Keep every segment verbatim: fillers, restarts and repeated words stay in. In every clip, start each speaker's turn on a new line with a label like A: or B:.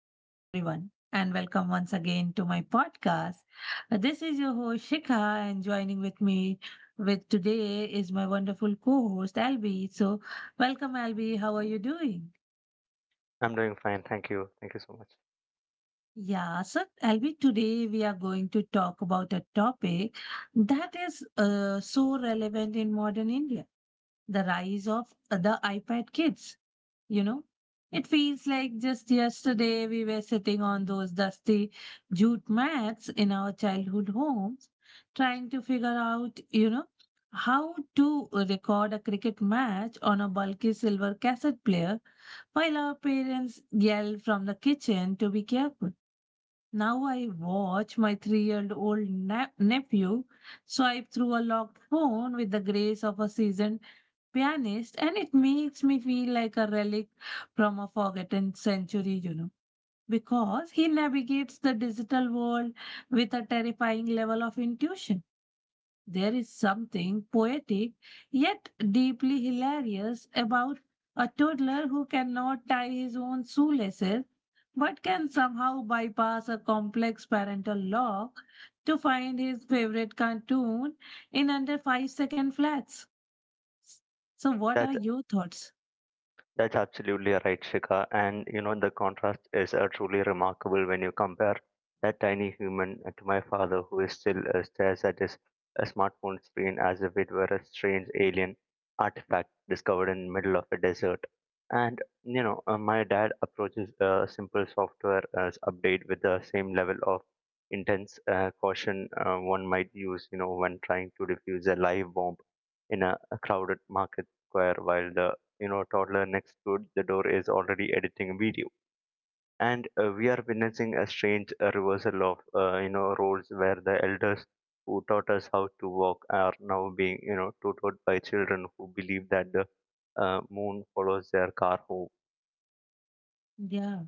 A: Hello, everyone, and welcome once again to my podcast. This is your host Shikha, and joining with me with today is my wonderful co-host Albi. So, welcome, Albi. How are you doing?
B: I'm doing fine. Thank you. Thank you so much.
A: Yeah, so Albi, today we are going to talk about a topic that is uh, so relevant in modern India: the rise of the iPad kids. you know it feels like just yesterday we were sitting on those dusty jute mats in our childhood homes trying to figure out you know how to record a cricket match on a bulky silver cassette player while our parents yell from the kitchen to be careful. Now I watch my three year old nep- nephew swipe through a locked phone with the grace of a seasoned pianist, and it makes me feel like a relic from a forgotten century, you know, because he navigates the digital world with a terrifying level of intuition. There is something poetic yet deeply hilarious about a toddler who cannot tie his own shoelaces but can somehow bypass a complex parental lock to find his favorite cartoon in under five second flats. So, what are
B: That.
A: your thoughts?
B: That's absolutely right, Shika. And you know, the contrast is uh, truly remarkable when you compare that tiny human to my father, who is still uh, stares at his uh, smartphone screen as if it were a strange alien artifact discovered in the middle of a desert. And you know, uh, my dad approaches a simple software uh, update with the same level of intense uh, caution uh, one might use, you know, when trying to defuse a live bomb in a, a crowded market square, while the you know toddler next to the door is already editing a video and uh, we are witnessing a strange uh, reversal of uh, you know roles where the elders who taught us how to walk are now being you know tutored by children who believe that the uh, moon follows their car home.
A: Yeah.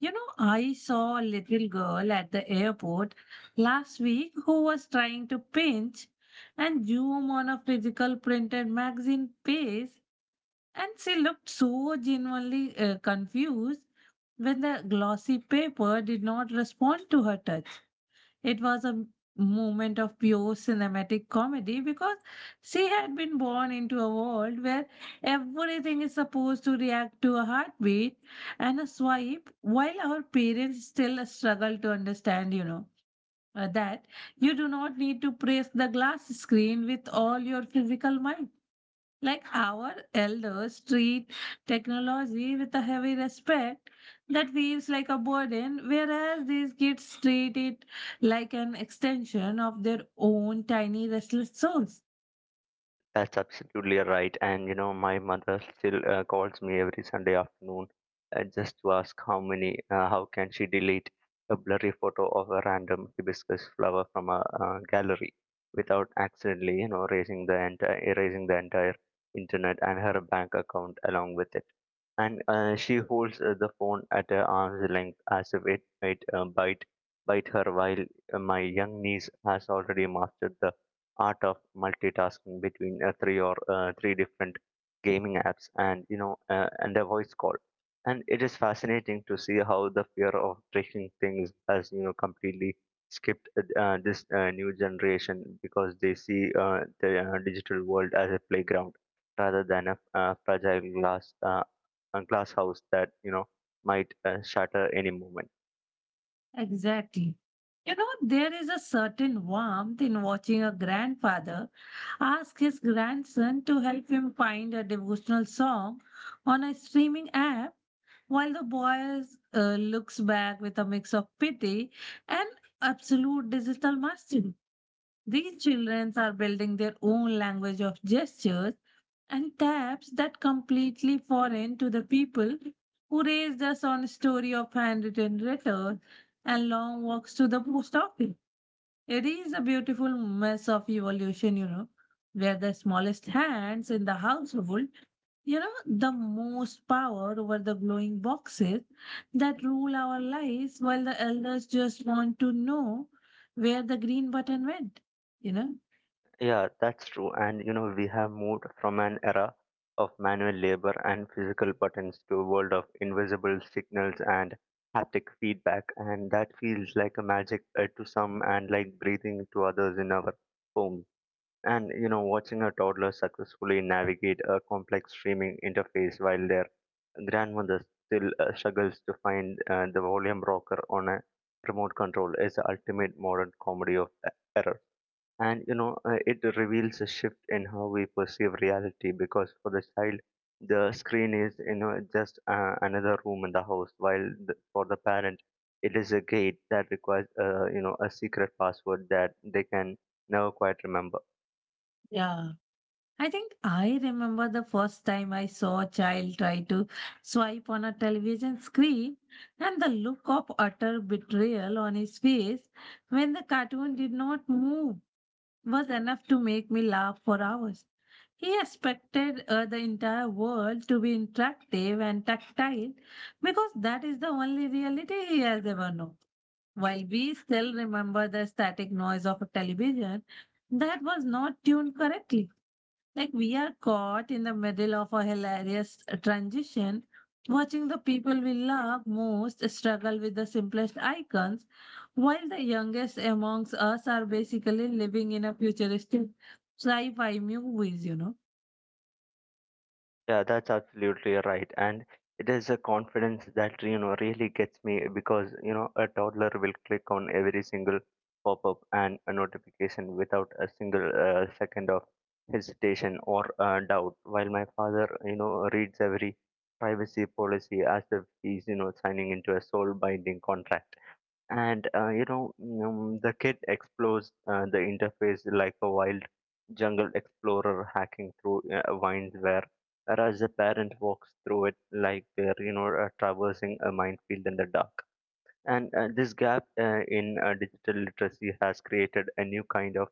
A: You know, I saw a little girl at the airport last week who was trying to pinch and zoom on a physical printed magazine page, and she looked so genuinely uh, confused when the glossy paper did not respond to her touch. It was a moment of pure cinematic comedy because she had been born into a world where everything is supposed to react to a heartbeat and a swipe, while our parents still struggle to understand, you know, uh, that you do not need to press the glass screen with all your physical might. Like our elders treat technology with a heavy respect that feels like a burden, whereas these kids treat it like an extension of their own tiny restless souls.
B: That's absolutely right. And you know, my mother still uh, calls me every Sunday afternoon uh, just to ask how many, uh, how can she delete a blurry photo of a random hibiscus flower from a uh, gallery without accidentally, you know, erasing the entire, erasing the entire internet and her bank account along with it. And uh, she holds uh, the phone at her arm's length as if it might uh, bite bite her, while uh, my young niece has already mastered the art of multitasking between uh, three or uh, three different gaming apps and you know uh, and a voice call, and it is fascinating to see how the fear of breaking things has you know completely skipped uh, uh, this uh, new generation because they see uh, the uh, digital world as a playground rather than a uh, fragile glass uh, a glass house that you know might uh, shatter any moment.
A: Exactly. You know, there is a certain warmth in watching a grandfather ask his grandson to help him find a devotional song on a streaming app while the boy uh, looks back with a mix of pity and absolute digital mastery. These children are building their own language of gestures and taps that completely foreign to the people who raised us on a story of handwritten letters and long walks to the post office. It is a beautiful mess of evolution, you know, where the smallest hands in the household, you know, the most power over the glowing boxes that rule our lives, while the elders just want to know where the green button went, you know.
B: Yeah, that's true. And you know, we have moved from an era of manual labor and physical buttons to a world of invisible signals and haptic feedback. And that feels like a magic uh, to some and like breathing to others in our home. And you know, watching a toddler successfully navigate a complex streaming interface while their grandmother still uh, struggles to find uh, the volume rocker on a remote control is the ultimate modern comedy of uh, error, and you know uh, it reveals a shift in how we perceive reality because for the child the screen is you know just uh, another room in the house, while the, for the parent it is a gate that requires uh, you know a secret password that they can never quite remember.
A: Yeah. I think I remember the first time I saw a child try to swipe on a television screen and the look of utter betrayal on his face when the cartoon did not move was enough to make me laugh for hours. He expected uh, the entire world to be interactive and tactile because that is the only reality he has ever known. While we still remember the static noise of a television that was not tuned correctly. Like we are caught in the middle of a hilarious transition, watching the people we love most struggle with the simplest icons, while the youngest amongst us are basically living in a futuristic sci-fi movies, you know.
B: Yeah, that's absolutely right. And it is a confidence that, you know, really gets me because, you know, a toddler will click on every single pop up and a notification without a single uh, second of hesitation or uh, doubt. While my father, you know, reads every privacy policy as if he's, you know, signing into a soul binding contract and uh, you know um, the kid explores uh, the interface like a wild jungle explorer hacking through uh, vines where whereas the parent walks through it like they're you know uh, traversing a minefield in the dark, and uh, this gap uh, in uh, digital literacy has created a new kind of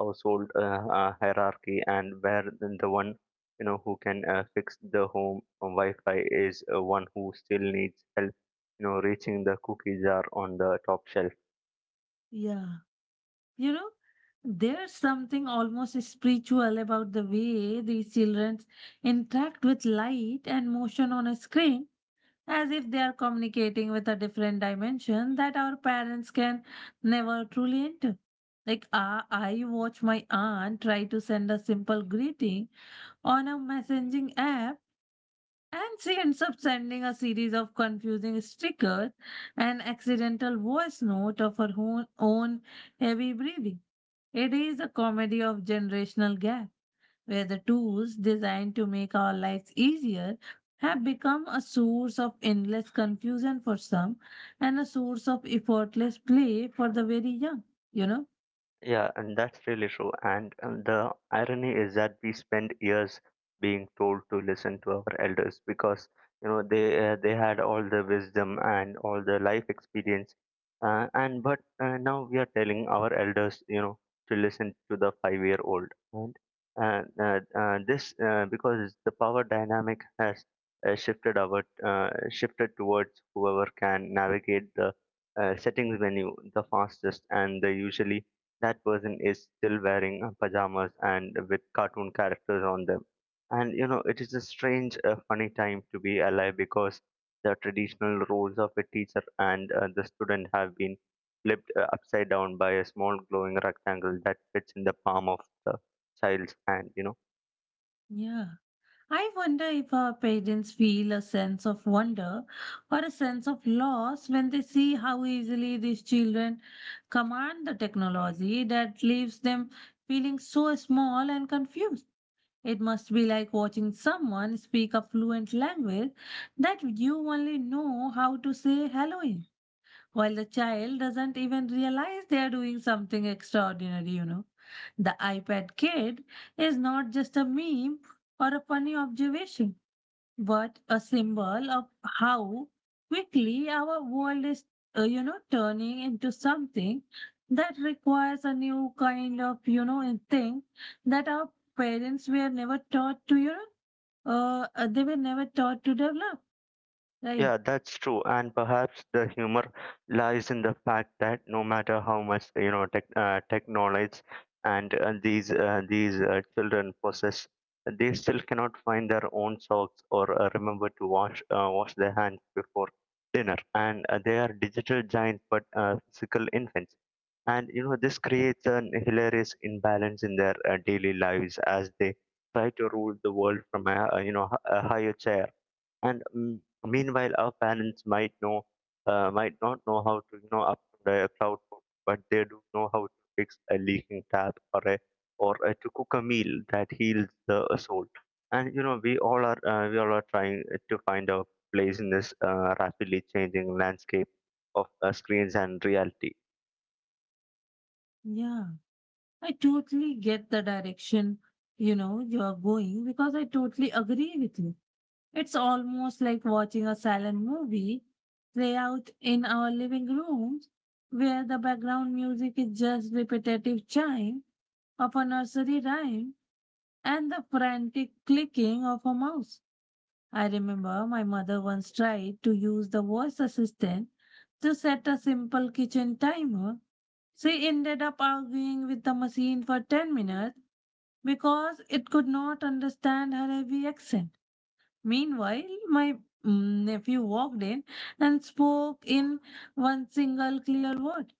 B: household uh, uh, hierarchy, and where then the one you know who can uh, fix the home Wi-Fi is uh, one who still needs help, you know, reaching the cookie jar on the top shelf.
A: Yeah. You know, there's something almost spiritual about the way these children interact with light and motion on a screen as if they are communicating with a different dimension that our parents can never truly enter. Like uh, I watch my aunt try to send a simple greeting on a messaging app, and she ends up sending a series of confusing stickers and accidental voice note of her own, own heavy breathing. It is a comedy of generational gap where the tools designed to make our lives easier have become a source of endless confusion for some and a source of effortless play for the very young, you know?
B: Yeah, and that's really true. And, and the irony is that we spend years being told to listen to our elders because you know they uh, they had all the wisdom and all the life experience, uh, and but uh, now we are telling our elders you know to listen to the five-year-old, and uh, uh, uh, this uh, because the power dynamic has uh, shifted our uh, shifted towards whoever can navigate the uh, settings menu the fastest, and they usually that person is still wearing uh, pajamas and with cartoon characters on them. And you know, it is a strange, uh, funny time to be alive because the traditional roles of a teacher and uh, the student have been flipped uh, upside down by a small glowing rectangle that fits in the palm of the child's hand. You know.
A: Yeah. I wonder if our parents feel a sense of wonder or a sense of loss when they see how easily these children command the technology that leaves them feeling so small and confused. It must be like watching someone speak a fluent language that you only know how to say hello in, while the child doesn't even realize they are doing something extraordinary, you know. The iPad kid is not just a meme or a funny observation. But a symbol of how quickly our world is, uh, you know, turning into something that requires a new kind of, you know, in thing that our parents were never taught to, you know, uh, uh, they were never taught to develop. Right.
B: Yeah, that's true. And perhaps the humor lies in the fact that no matter how much you know tech, uh, tech knowledge and uh, these uh, these uh, children possess, they still cannot find their own socks or uh, remember to wash uh, wash their hands before dinner. And uh, they are digital giants, but uh, physical infants. And you know this creates an hilarious imbalance in their uh, daily lives as they try to rule the world from a, a you know h- a higher chair, and mm, meanwhile, our parents might know, uh, might not know how to, you know, upload a cloud code, but they do know how to fix a leaking tap or a or uh, to cook a meal that heals the soul. And you know, we all are uh, we all are trying to find our place in this uh, rapidly changing landscape of uh, screens and reality.
A: Yeah. I totally get the direction, you know, you're going because I totally agree with you. It's almost like watching a silent movie play out in our living rooms where the background music is just repetitive chime of a nursery rhyme and the frantic clicking of a mouse. I remember my mother once tried to use the voice assistant to set a simple kitchen timer. She ended up arguing with the machine for ten minutes because it could not understand her heavy accent. Meanwhile, my mm, nephew walked in and spoke in one single clear word,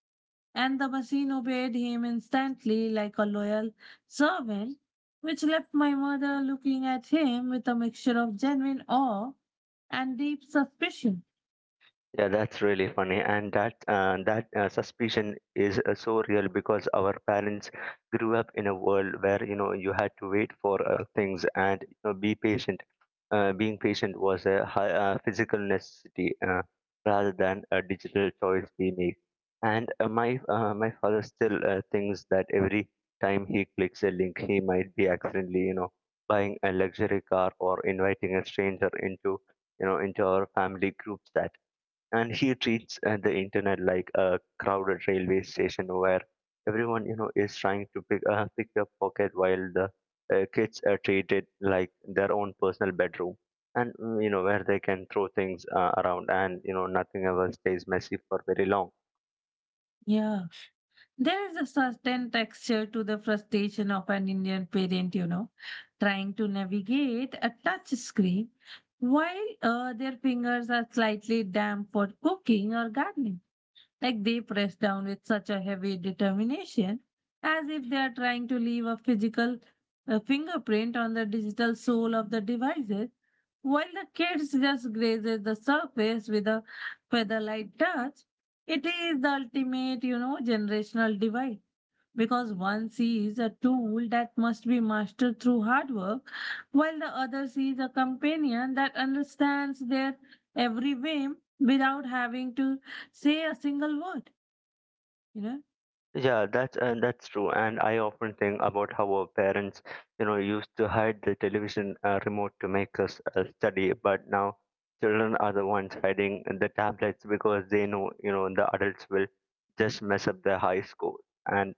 A: and the machine obeyed him instantly like a loyal servant, which left my mother looking at him with a mixture of genuine awe and deep suspicion.
B: Yeah, that's really funny, and that uh, that uh, suspicion is uh, so real because our parents grew up in a world where you know you had to wait for uh, things and you know, be patient. Uh, being patient was a high, uh, physical necessity uh, rather than a digital choice we make. And uh, my uh, my father still uh, thinks that every time he clicks a link, he might be accidentally you know buying a luxury car or inviting a stranger into you know into our family group chat, and he treats uh, the internet like a crowded railway station where everyone you know is trying to pick uh, pick a pocket, while the uh, kids are treated like their own personal bedroom, and mm, you know where they can throw things uh, around, and you know nothing ever stays messy for very long.
A: Yeah. There is a certain texture to the frustration of an Indian parent, you know, trying to navigate a touch screen while uh, their fingers are slightly damp for cooking or gardening. Like they press down with such a heavy determination, as if they are trying to leave a physical uh, fingerprint on the digital soul of the devices, while the kids just grazes the surface with a feather light touch. It is the ultimate, you know, generational divide because one sees a tool that must be mastered through hard work, while the other sees a companion that understands their every whim without having to say a single word, you know?
B: Yeah, that's and that's true. And I often think about how our parents, you know, used to hide the television uh, remote to make us uh, study, but now children are the ones hiding the tablets because they know, you know, the adults will just mess up their high school. And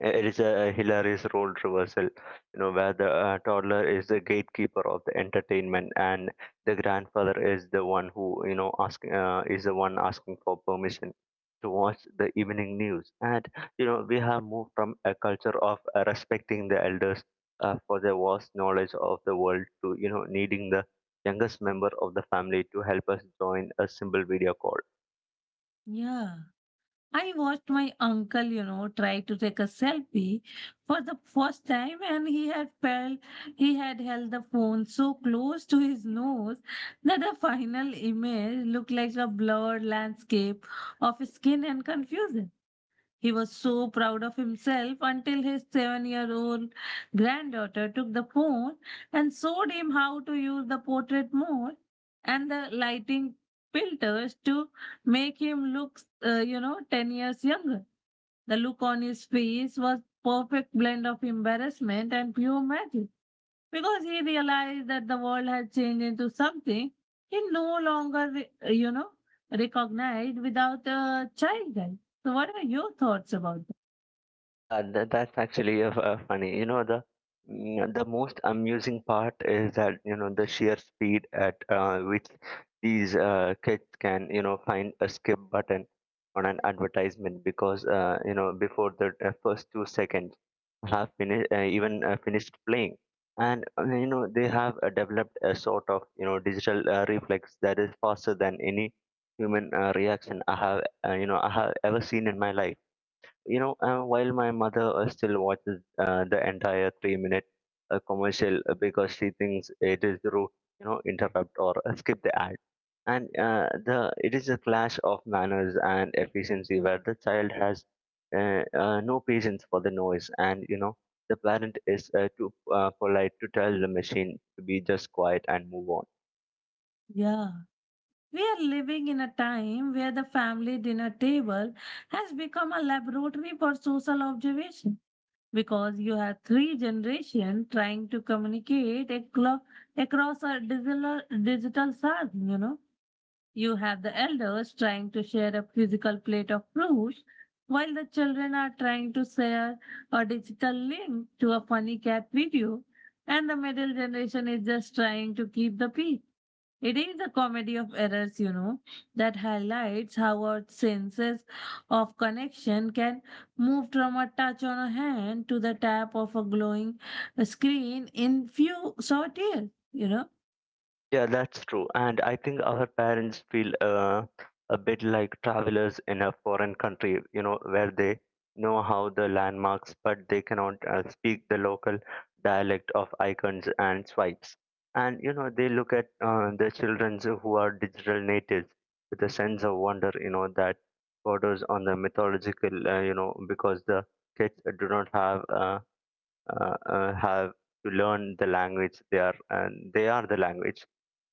B: it is a hilarious role reversal, you know, where the uh, toddler is the gatekeeper of the entertainment, and the grandfather is the one who, you know, asking uh, is the one asking for permission to watch the evening news. And you know, we have moved from a culture of uh, respecting the elders uh, for their vast knowledge of the world to, you know, needing the youngest member of the family to help us join a simple video call.
A: Yeah. I watched my uncle, you know, try to take a selfie for the first time and he had felt he had held the phone so close to his nose that the final image looked like a blurred landscape of skin and confusion. He was so proud of himself until his seven year old granddaughter took the phone and showed him how to use the portrait mode and the lighting filters to make him look, uh, you know, ten years younger. The look on his face was perfect blend of embarrassment and pure magic. Because he realized that the world had changed into something he no longer, re- uh, you know, recognized without a childhood. So, what are your thoughts about that?
B: Yeah, that, that's actually uh, uh, funny. You know, the mm, the most amusing part is that you know the sheer speed at uh, which these uh, kids can you know find a skip button on an advertisement because uh, you know before the uh, first two seconds have finished uh, even uh, finished playing, and uh, you know they have uh, developed a sort of you know digital uh, reflex that is faster than any human uh, reaction I have uh, you know I have ever seen in my life, you know, uh, while my mother uh, still watches uh, the entire three minute uh, commercial uh, because she thinks it is rude, you know, interrupt or uh, skip the ad. And uh, the it is a clash of manners and efficiency where the child has uh, uh, no patience for the noise, and you know, the parent is uh, too uh, polite to tell the machine to be just quiet and move on.
A: Yeah. We are living in a time where the family dinner table has become a laboratory for social observation because you have three generations trying to communicate aclo- across a digital, digital S A R M, you know. You have the elders trying to share a physical plate of fruit, while the children are trying to share a digital link to a funny cat video, and the middle generation is just trying to keep the peace. It is a comedy of errors, you know, that highlights how our senses of connection can move from a touch on a hand to the tap of a glowing screen in few short years, you know?
B: Yeah, that's true. And I think our parents feel uh, a bit like travelers in a foreign country, you know, where they know how the landmarks, but they cannot uh, speak the local dialect of icons and swipes. And, you know, they look at uh, the children who are digital natives with a sense of wonder, you know, that borders on the mythological, uh, you know, because the kids do not have, uh, uh, uh, have to learn the language. They are, and they are the language,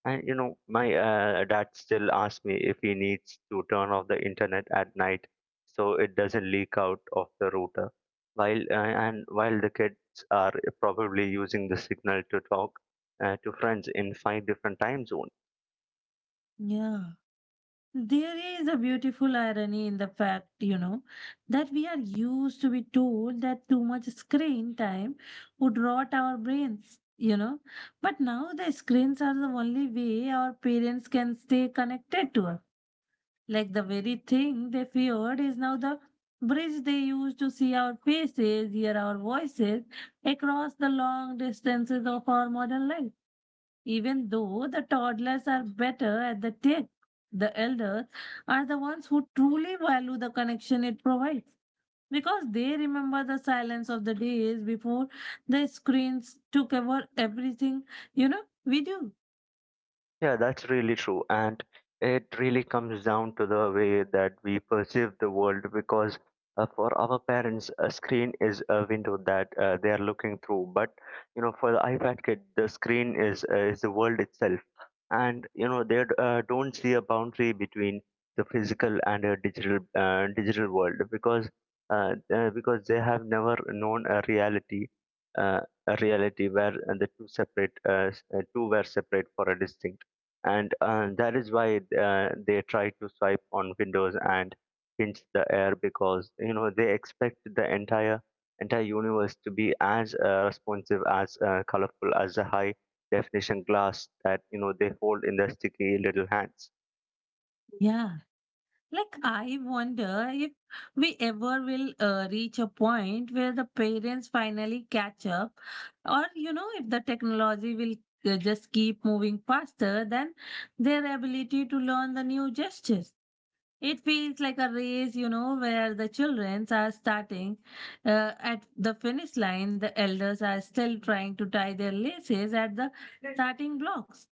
B: and you know, my uh, dad still asks me if he needs to turn off the internet at night so it doesn't leak out of the router. While uh, and while the kids are probably using the signal to talk uh, to friends in five different time zones.
A: Yeah. There is a beautiful irony in the fact, you know, that we are used to be told that too much screen time would rot our brains, you know. But now the screens are the only way our parents can stay connected to us. Like the very thing they feared is now the bridge they use to see our faces, hear our voices across the long distances of our modern life. Even though the toddlers are better at the tech, the elders are the ones who truly value the connection it provides because they remember the silence of the days before the screens took over everything, you know, we do.
B: Yeah, that's really true. And it really comes down to the way that we perceive the world because uh, for our parents, a screen is a window that uh, they are looking through. But, you know, for the iPad kid, the screen is, uh, is the world itself. And, you know, they uh, don't see a boundary between the physical and a digital, uh, digital world because, uh, uh, because they have never known a reality, uh, a reality where uh, the two separate, uh, s- uh, two were separate for a distinct and uh, that is why uh, they try to swipe on windows and pinch the air because you know they expect the entire entire universe to be as uh, responsive as uh, colorful as the high definition glass that you know they hold in their sticky little hands.
A: Yeah. Like, I wonder if we ever will uh, reach a point where the parents finally catch up, or you know, if the technology will uh, just keep moving faster than their ability to learn the new gestures. It feels like a race, you know, where the children are starting uh, at the finish line, the elders are still trying to tie their laces at the starting blocks.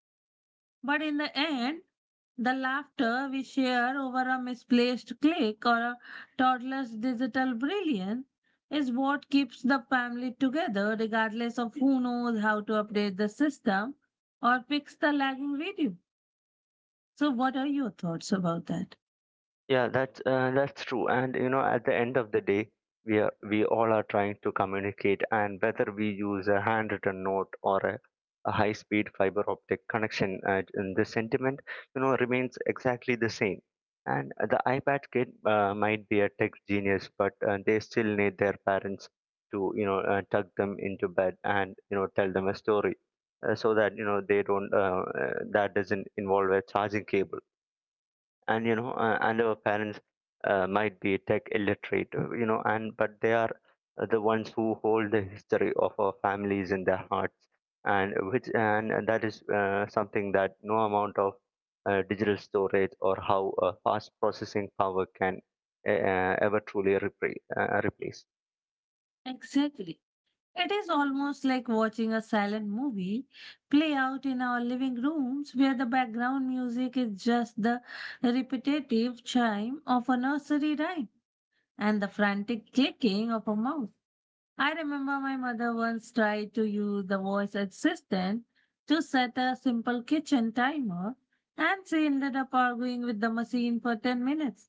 A: But in the end, the laughter we share over a misplaced click or a toddler's digital brilliance is what keeps the family together, regardless of who knows how to update the system or fix the lagging video. So, what are your thoughts about that?
B: Yeah, that's uh, that's true. And you know, at the end of the day, we are we all are trying to communicate, and whether we use a handwritten note or a, a high-speed fiber optic connection, uh, and the sentiment, you know, remains exactly the same. And the iPad kid uh, might be a tech genius, but uh, they still need their parents to you know uh, tuck them into bed and you know tell them a story, uh, so that you know they don't uh, uh, that doesn't involve a charging cable. And you know uh, and our parents uh, might be tech illiterate, uh, you know and but they are the ones who hold the history of our families in their hearts, and which and that is uh, something that no amount of uh, digital storage or how uh, fast processing power can uh, uh, ever truly repre- uh, replace.
A: Exactly. It is almost like watching a silent movie play out in our living rooms where the background music is just the repetitive chime of a nursery rhyme and the frantic clicking of a mouse. I remember my mother once tried to use the voice assistant to set a simple kitchen timer, and she ended up arguing with the machine for ten minutes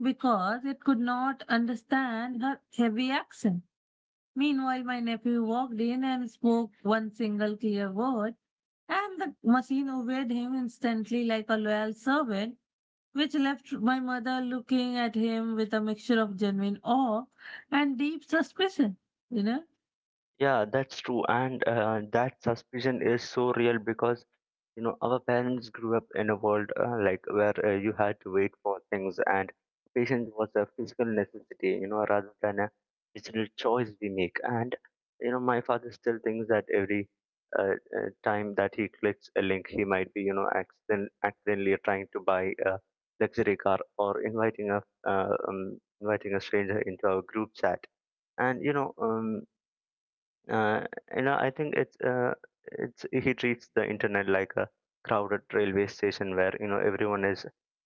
A: because it could not understand her heavy accent. Meanwhile, my nephew walked in and spoke one single clear word, and the machine obeyed him instantly like a loyal servant, which left my mother looking at him with a mixture of genuine awe and deep suspicion. You know?
B: Yeah, that's true. And uh, that suspicion is so real because you know our parents grew up in a world uh, like where uh, you had to wait for things, and patience was a physical necessity, you know rather than a digital choice we make. And you know my father still thinks that every uh, uh, time that he clicks a link, he might be, you know accident- accidentally trying to buy a luxury car, or inviting a uh, um, inviting a stranger into our group chat. And you know um, uh, you know, I think it's uh, it's he treats the internet like a crowded railway station where you know everyone is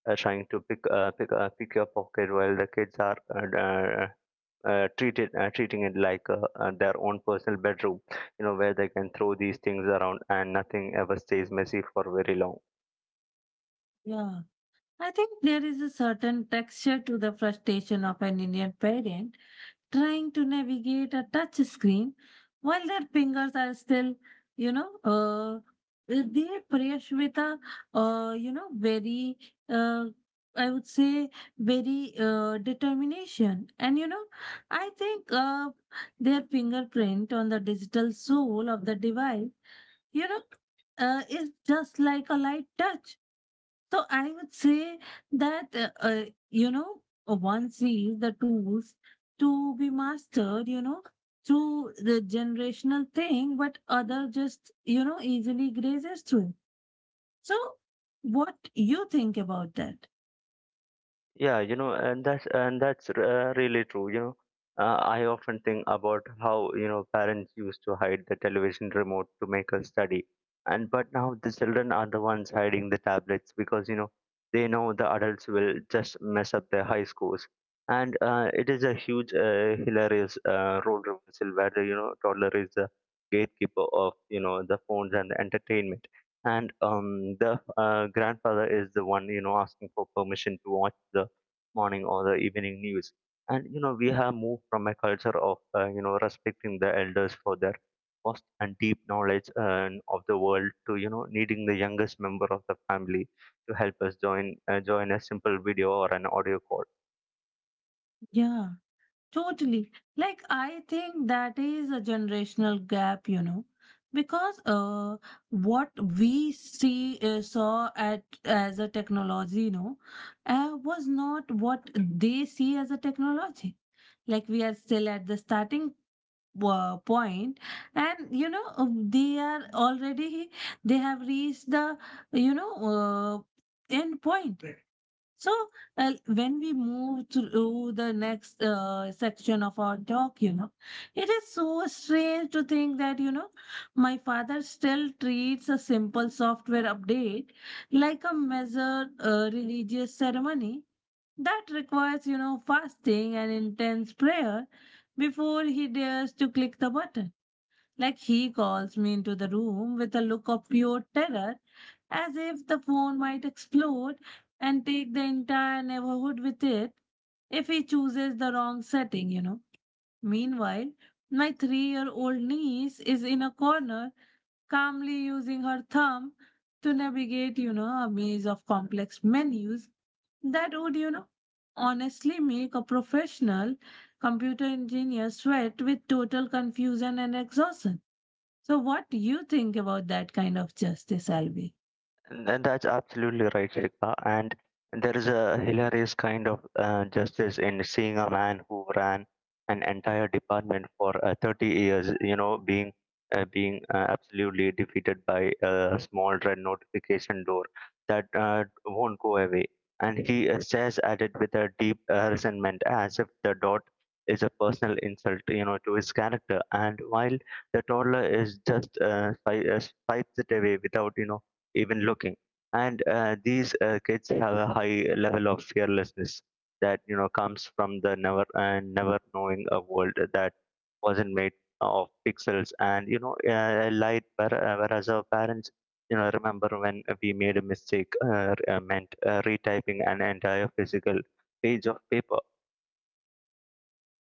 B: uh, trying to pick uh, pick uh, pick your pocket, while the kids are uh, uh, uh, treated uh, treating it like uh, uh, their own personal bedroom. You know, where they can throw these things around and nothing ever stays messy for very long.
A: Yeah. I think there is a certain texture to the frustration of an Indian parent trying to navigate a touch screen while their fingers are still, you know, uh, they prayers with a, uh, you know, very, uh, I would say, very uh, determination. And, you know, I think uh, their fingerprint on the digital soul of the device, you know, uh, is just like a light touch. So I would say that, uh, uh, you know, uh, one sees the tools to be mastered, you know, through the generational thing, but other just, you know, easily grazes through. It. So what you think about that?
B: Yeah, you know, and that's and that's uh, really true. You know, uh, I often think about how, you know parents used to hide the television remote to make us study, and but now the children are the ones hiding the tablets because you know they know the adults will just mess up their high scores. And uh, it is a huge, uh, hilarious uh, role reversal where the, you know toddler is the gatekeeper of you know the phones and the entertainment. And um, the uh, grandfather is the one, you know, asking for permission to watch the morning or the evening news. And you know, we have moved from a culture of uh, you know respecting the elders for their vast and deep knowledge uh, of the world, to you know needing the youngest member of the family to help us join uh, join a simple video or an audio call.
A: Yeah. Totally. Like, I think that is a generational gap, you know, because uh, what we see uh, saw at as a technology, you know, uh, was not what they see as a technology. Like, we are still at the starting uh, point, and you know, uh, they are already they have reached the, you know, uh, end point. So, uh, when we move through the next uh, section of our talk, you know, it is so strange to think that, you know, my father still treats a simple software update like a measured uh, religious ceremony that requires, you know, fasting and intense prayer before he dares to click the button. Like, he calls me into the room with a look of pure terror, as if the phone might explode and take the entire neighborhood with it if he chooses the wrong setting, you know. Meanwhile, my three year old niece is in a corner, calmly using her thumb to navigate, you know, a maze of complex menus that would, you know, honestly make a professional computer engineer sweat with total confusion and exhaustion. So, what do you think about that kind of justice, Albi?
B: And that's absolutely right, Shikha. And there is a hilarious kind of uh, justice in seeing a man who ran an entire department for uh, thirty years, you know, being uh, being uh, absolutely defeated by a small red notification door that uh, won't go away. And he uh, stares at it with a deep uh, resentment, as if the dot is a personal insult, you know, to his character. And while the toddler is just uh, spi- uh, spites it away without, you know, even looking. And uh, these uh, kids have a high level of fearlessness that you know comes from the never and never knowing a world that wasn't made of pixels and, you know uh, light. where- uh, Whereas our parents, you know, remember when we made a mistake, uh, uh, meant uh, retyping an entire physical page of paper.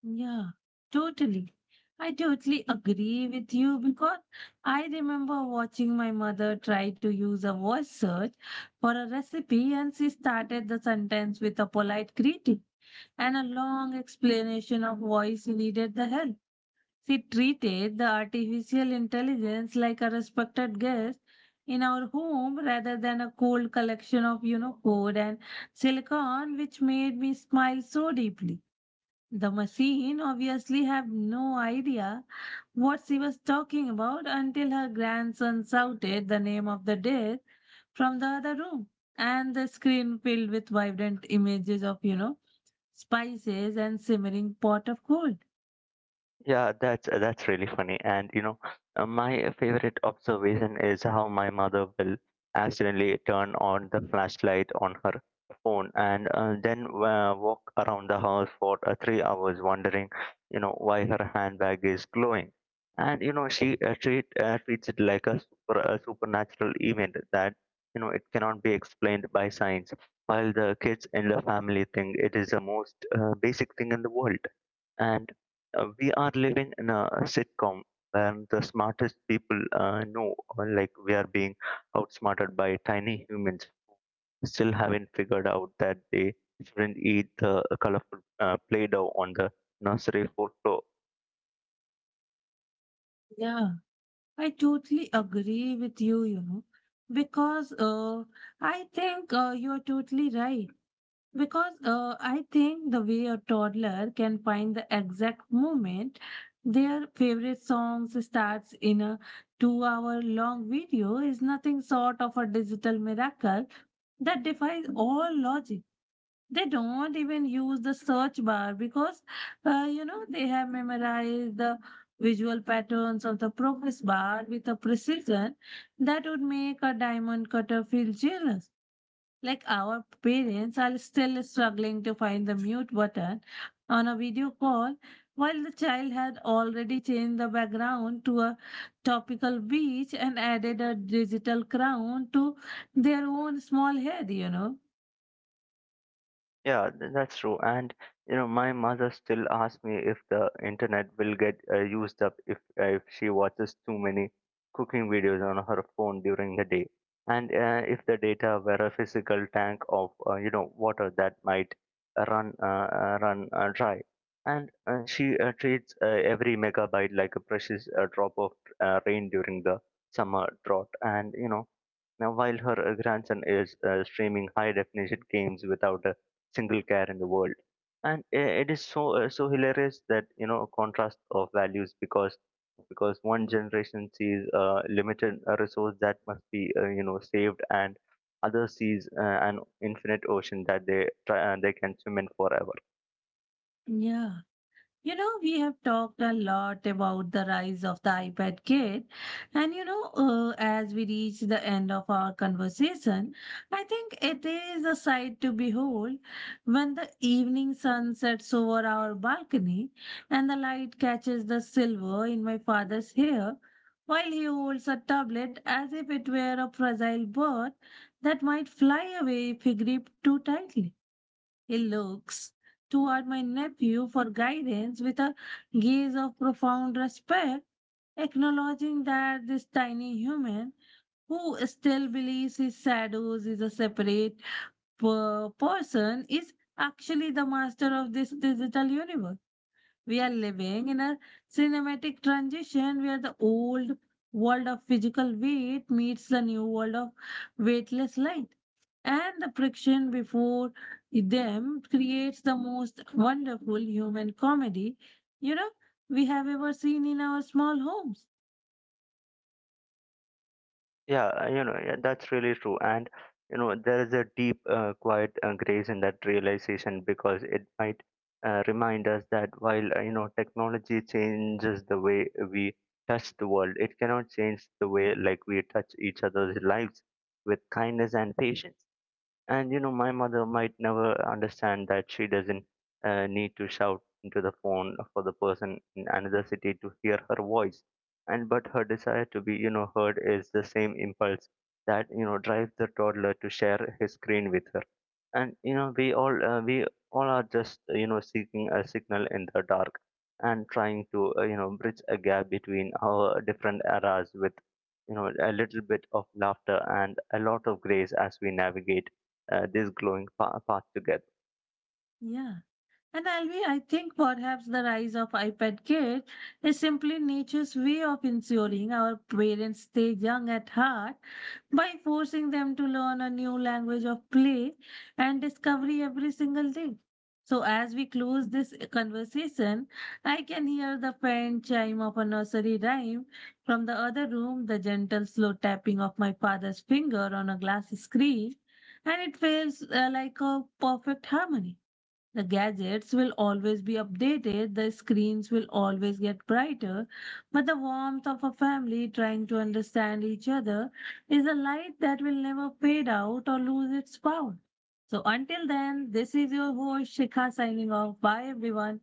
A: Yeah, totally. I totally agree with you because I remember watching my mother try to use a voice search for a recipe, and she started the sentence with a polite greeting and a long explanation of why she needed the help. She treated the artificial intelligence like a respected guest in our home rather than a cold collection of, you know, code and silicon, which made me smile so deeply. The machine obviously had no idea what she was talking about until her grandson shouted the name of the death from the other room, and the screen filled with vibrant images of, you know, spices and simmering pot of gold.
B: Yeah, that's uh, that's really funny. And you know, uh, my favorite observation is how my mother will accidentally turn on the flashlight on her phone, and uh, then uh, walk around the house for uh, three hours wondering, you know, why her handbag is glowing. And you know, she uh, treat uh, treats it like a super a supernatural event that you know it cannot be explained by science. While the kids in the family think it is the most uh, basic thing in the world. And uh, we are living in a sitcom where the smartest people uh, know uh, like we are being outsmarted by tiny humans still haven't figured out that they shouldn't eat the colorful uh, play-doh on the nursery floor.
A: Yeah, I totally agree with you, you know, because uh, I think uh, you're totally right. Because uh, I think the way a toddler can find the exact moment their favorite songs starts in a two hour long video is nothing short of a digital miracle that defies all logic. They don't even use the search bar because uh, you know, they have memorized the visual patterns of the progress bar with a precision that would make a diamond cutter feel jealous. Like, our parents are still struggling to find the mute button on a video call while the child had already changed the background to a topical beach and added a digital crown to their own small head, you know.
B: Yeah, th- that's true. And you know, my mother still asks me if the internet will get uh, used up if, uh, if she watches too many cooking videos on her phone during the day, and uh, if the data were a physical tank of uh, you know water that might run uh, uh, run uh, dry. And uh, she uh, treats uh, every megabyte like a precious uh, drop of uh, rain during the summer drought. And you know, now, while her uh, grandson is uh, streaming high definition games without a single care in the world. And uh, it is so uh, so hilarious, that, you know, a contrast of values, because because one generation sees a limited uh, resource that must be, uh, you know saved, and other sees uh, an infinite ocean that they try, uh, they can swim in forever.
A: Yeah. You know, we have talked a lot about the rise of the iPad kid. And, you know, uh, as we reach the end of our conversation, I think it is a sight to behold when the evening sun sets over our balcony and the light catches the silver in my father's hair while he holds a tablet as if it were a fragile bird that might fly away if he gripped too tightly. He looks toward my nephew for guidance with a gaze of profound respect, acknowledging that this tiny human, who still believes his shadows is a separate per- person, is actually the master of this digital universe. We are living in a cinematic transition where the old world of physical weight meets the new world of weightless light, and the friction before them creates the most wonderful human comedy, you know, we have ever seen in our small homes.
B: Yeah, uh, you know, yeah, that's really true. And, you know, there is a deep, uh, quiet uh, grace in that realization, because it might uh, remind us that while, uh, you know, technology changes the way we touch the world, it cannot change the way like we touch each other's lives with kindness and patience. And you know, my mother might never understand that she doesn't uh, need to shout into the phone for the person in another city to hear her voice. And but her desire to be, you know, heard is the same impulse that you know drives the toddler to share his screen with her. And you know, we all uh, we all are just, uh, you know seeking a signal in the dark and trying to, uh, you know bridge a gap between our different eras with, you know, a little bit of laughter and a lot of grace as we navigate uh, this glowing pa- path together.
A: Yeah. And Alvi, I think perhaps the rise of iPad kids is simply nature's way of ensuring our parents stay young at heart by forcing them to learn a new language of play and discovery every single day. So, as we close this conversation, I can hear the faint chime of a nursery rhyme from the other room, the gentle, slow tapping of my father's finger on a glass screen, and it feels uh, like a perfect harmony. The gadgets will always be updated, the screens will always get brighter, but the warmth of a family trying to understand each other is a light that will never fade out or lose its power. So until then, this is your host Shikha signing off. Bye everyone.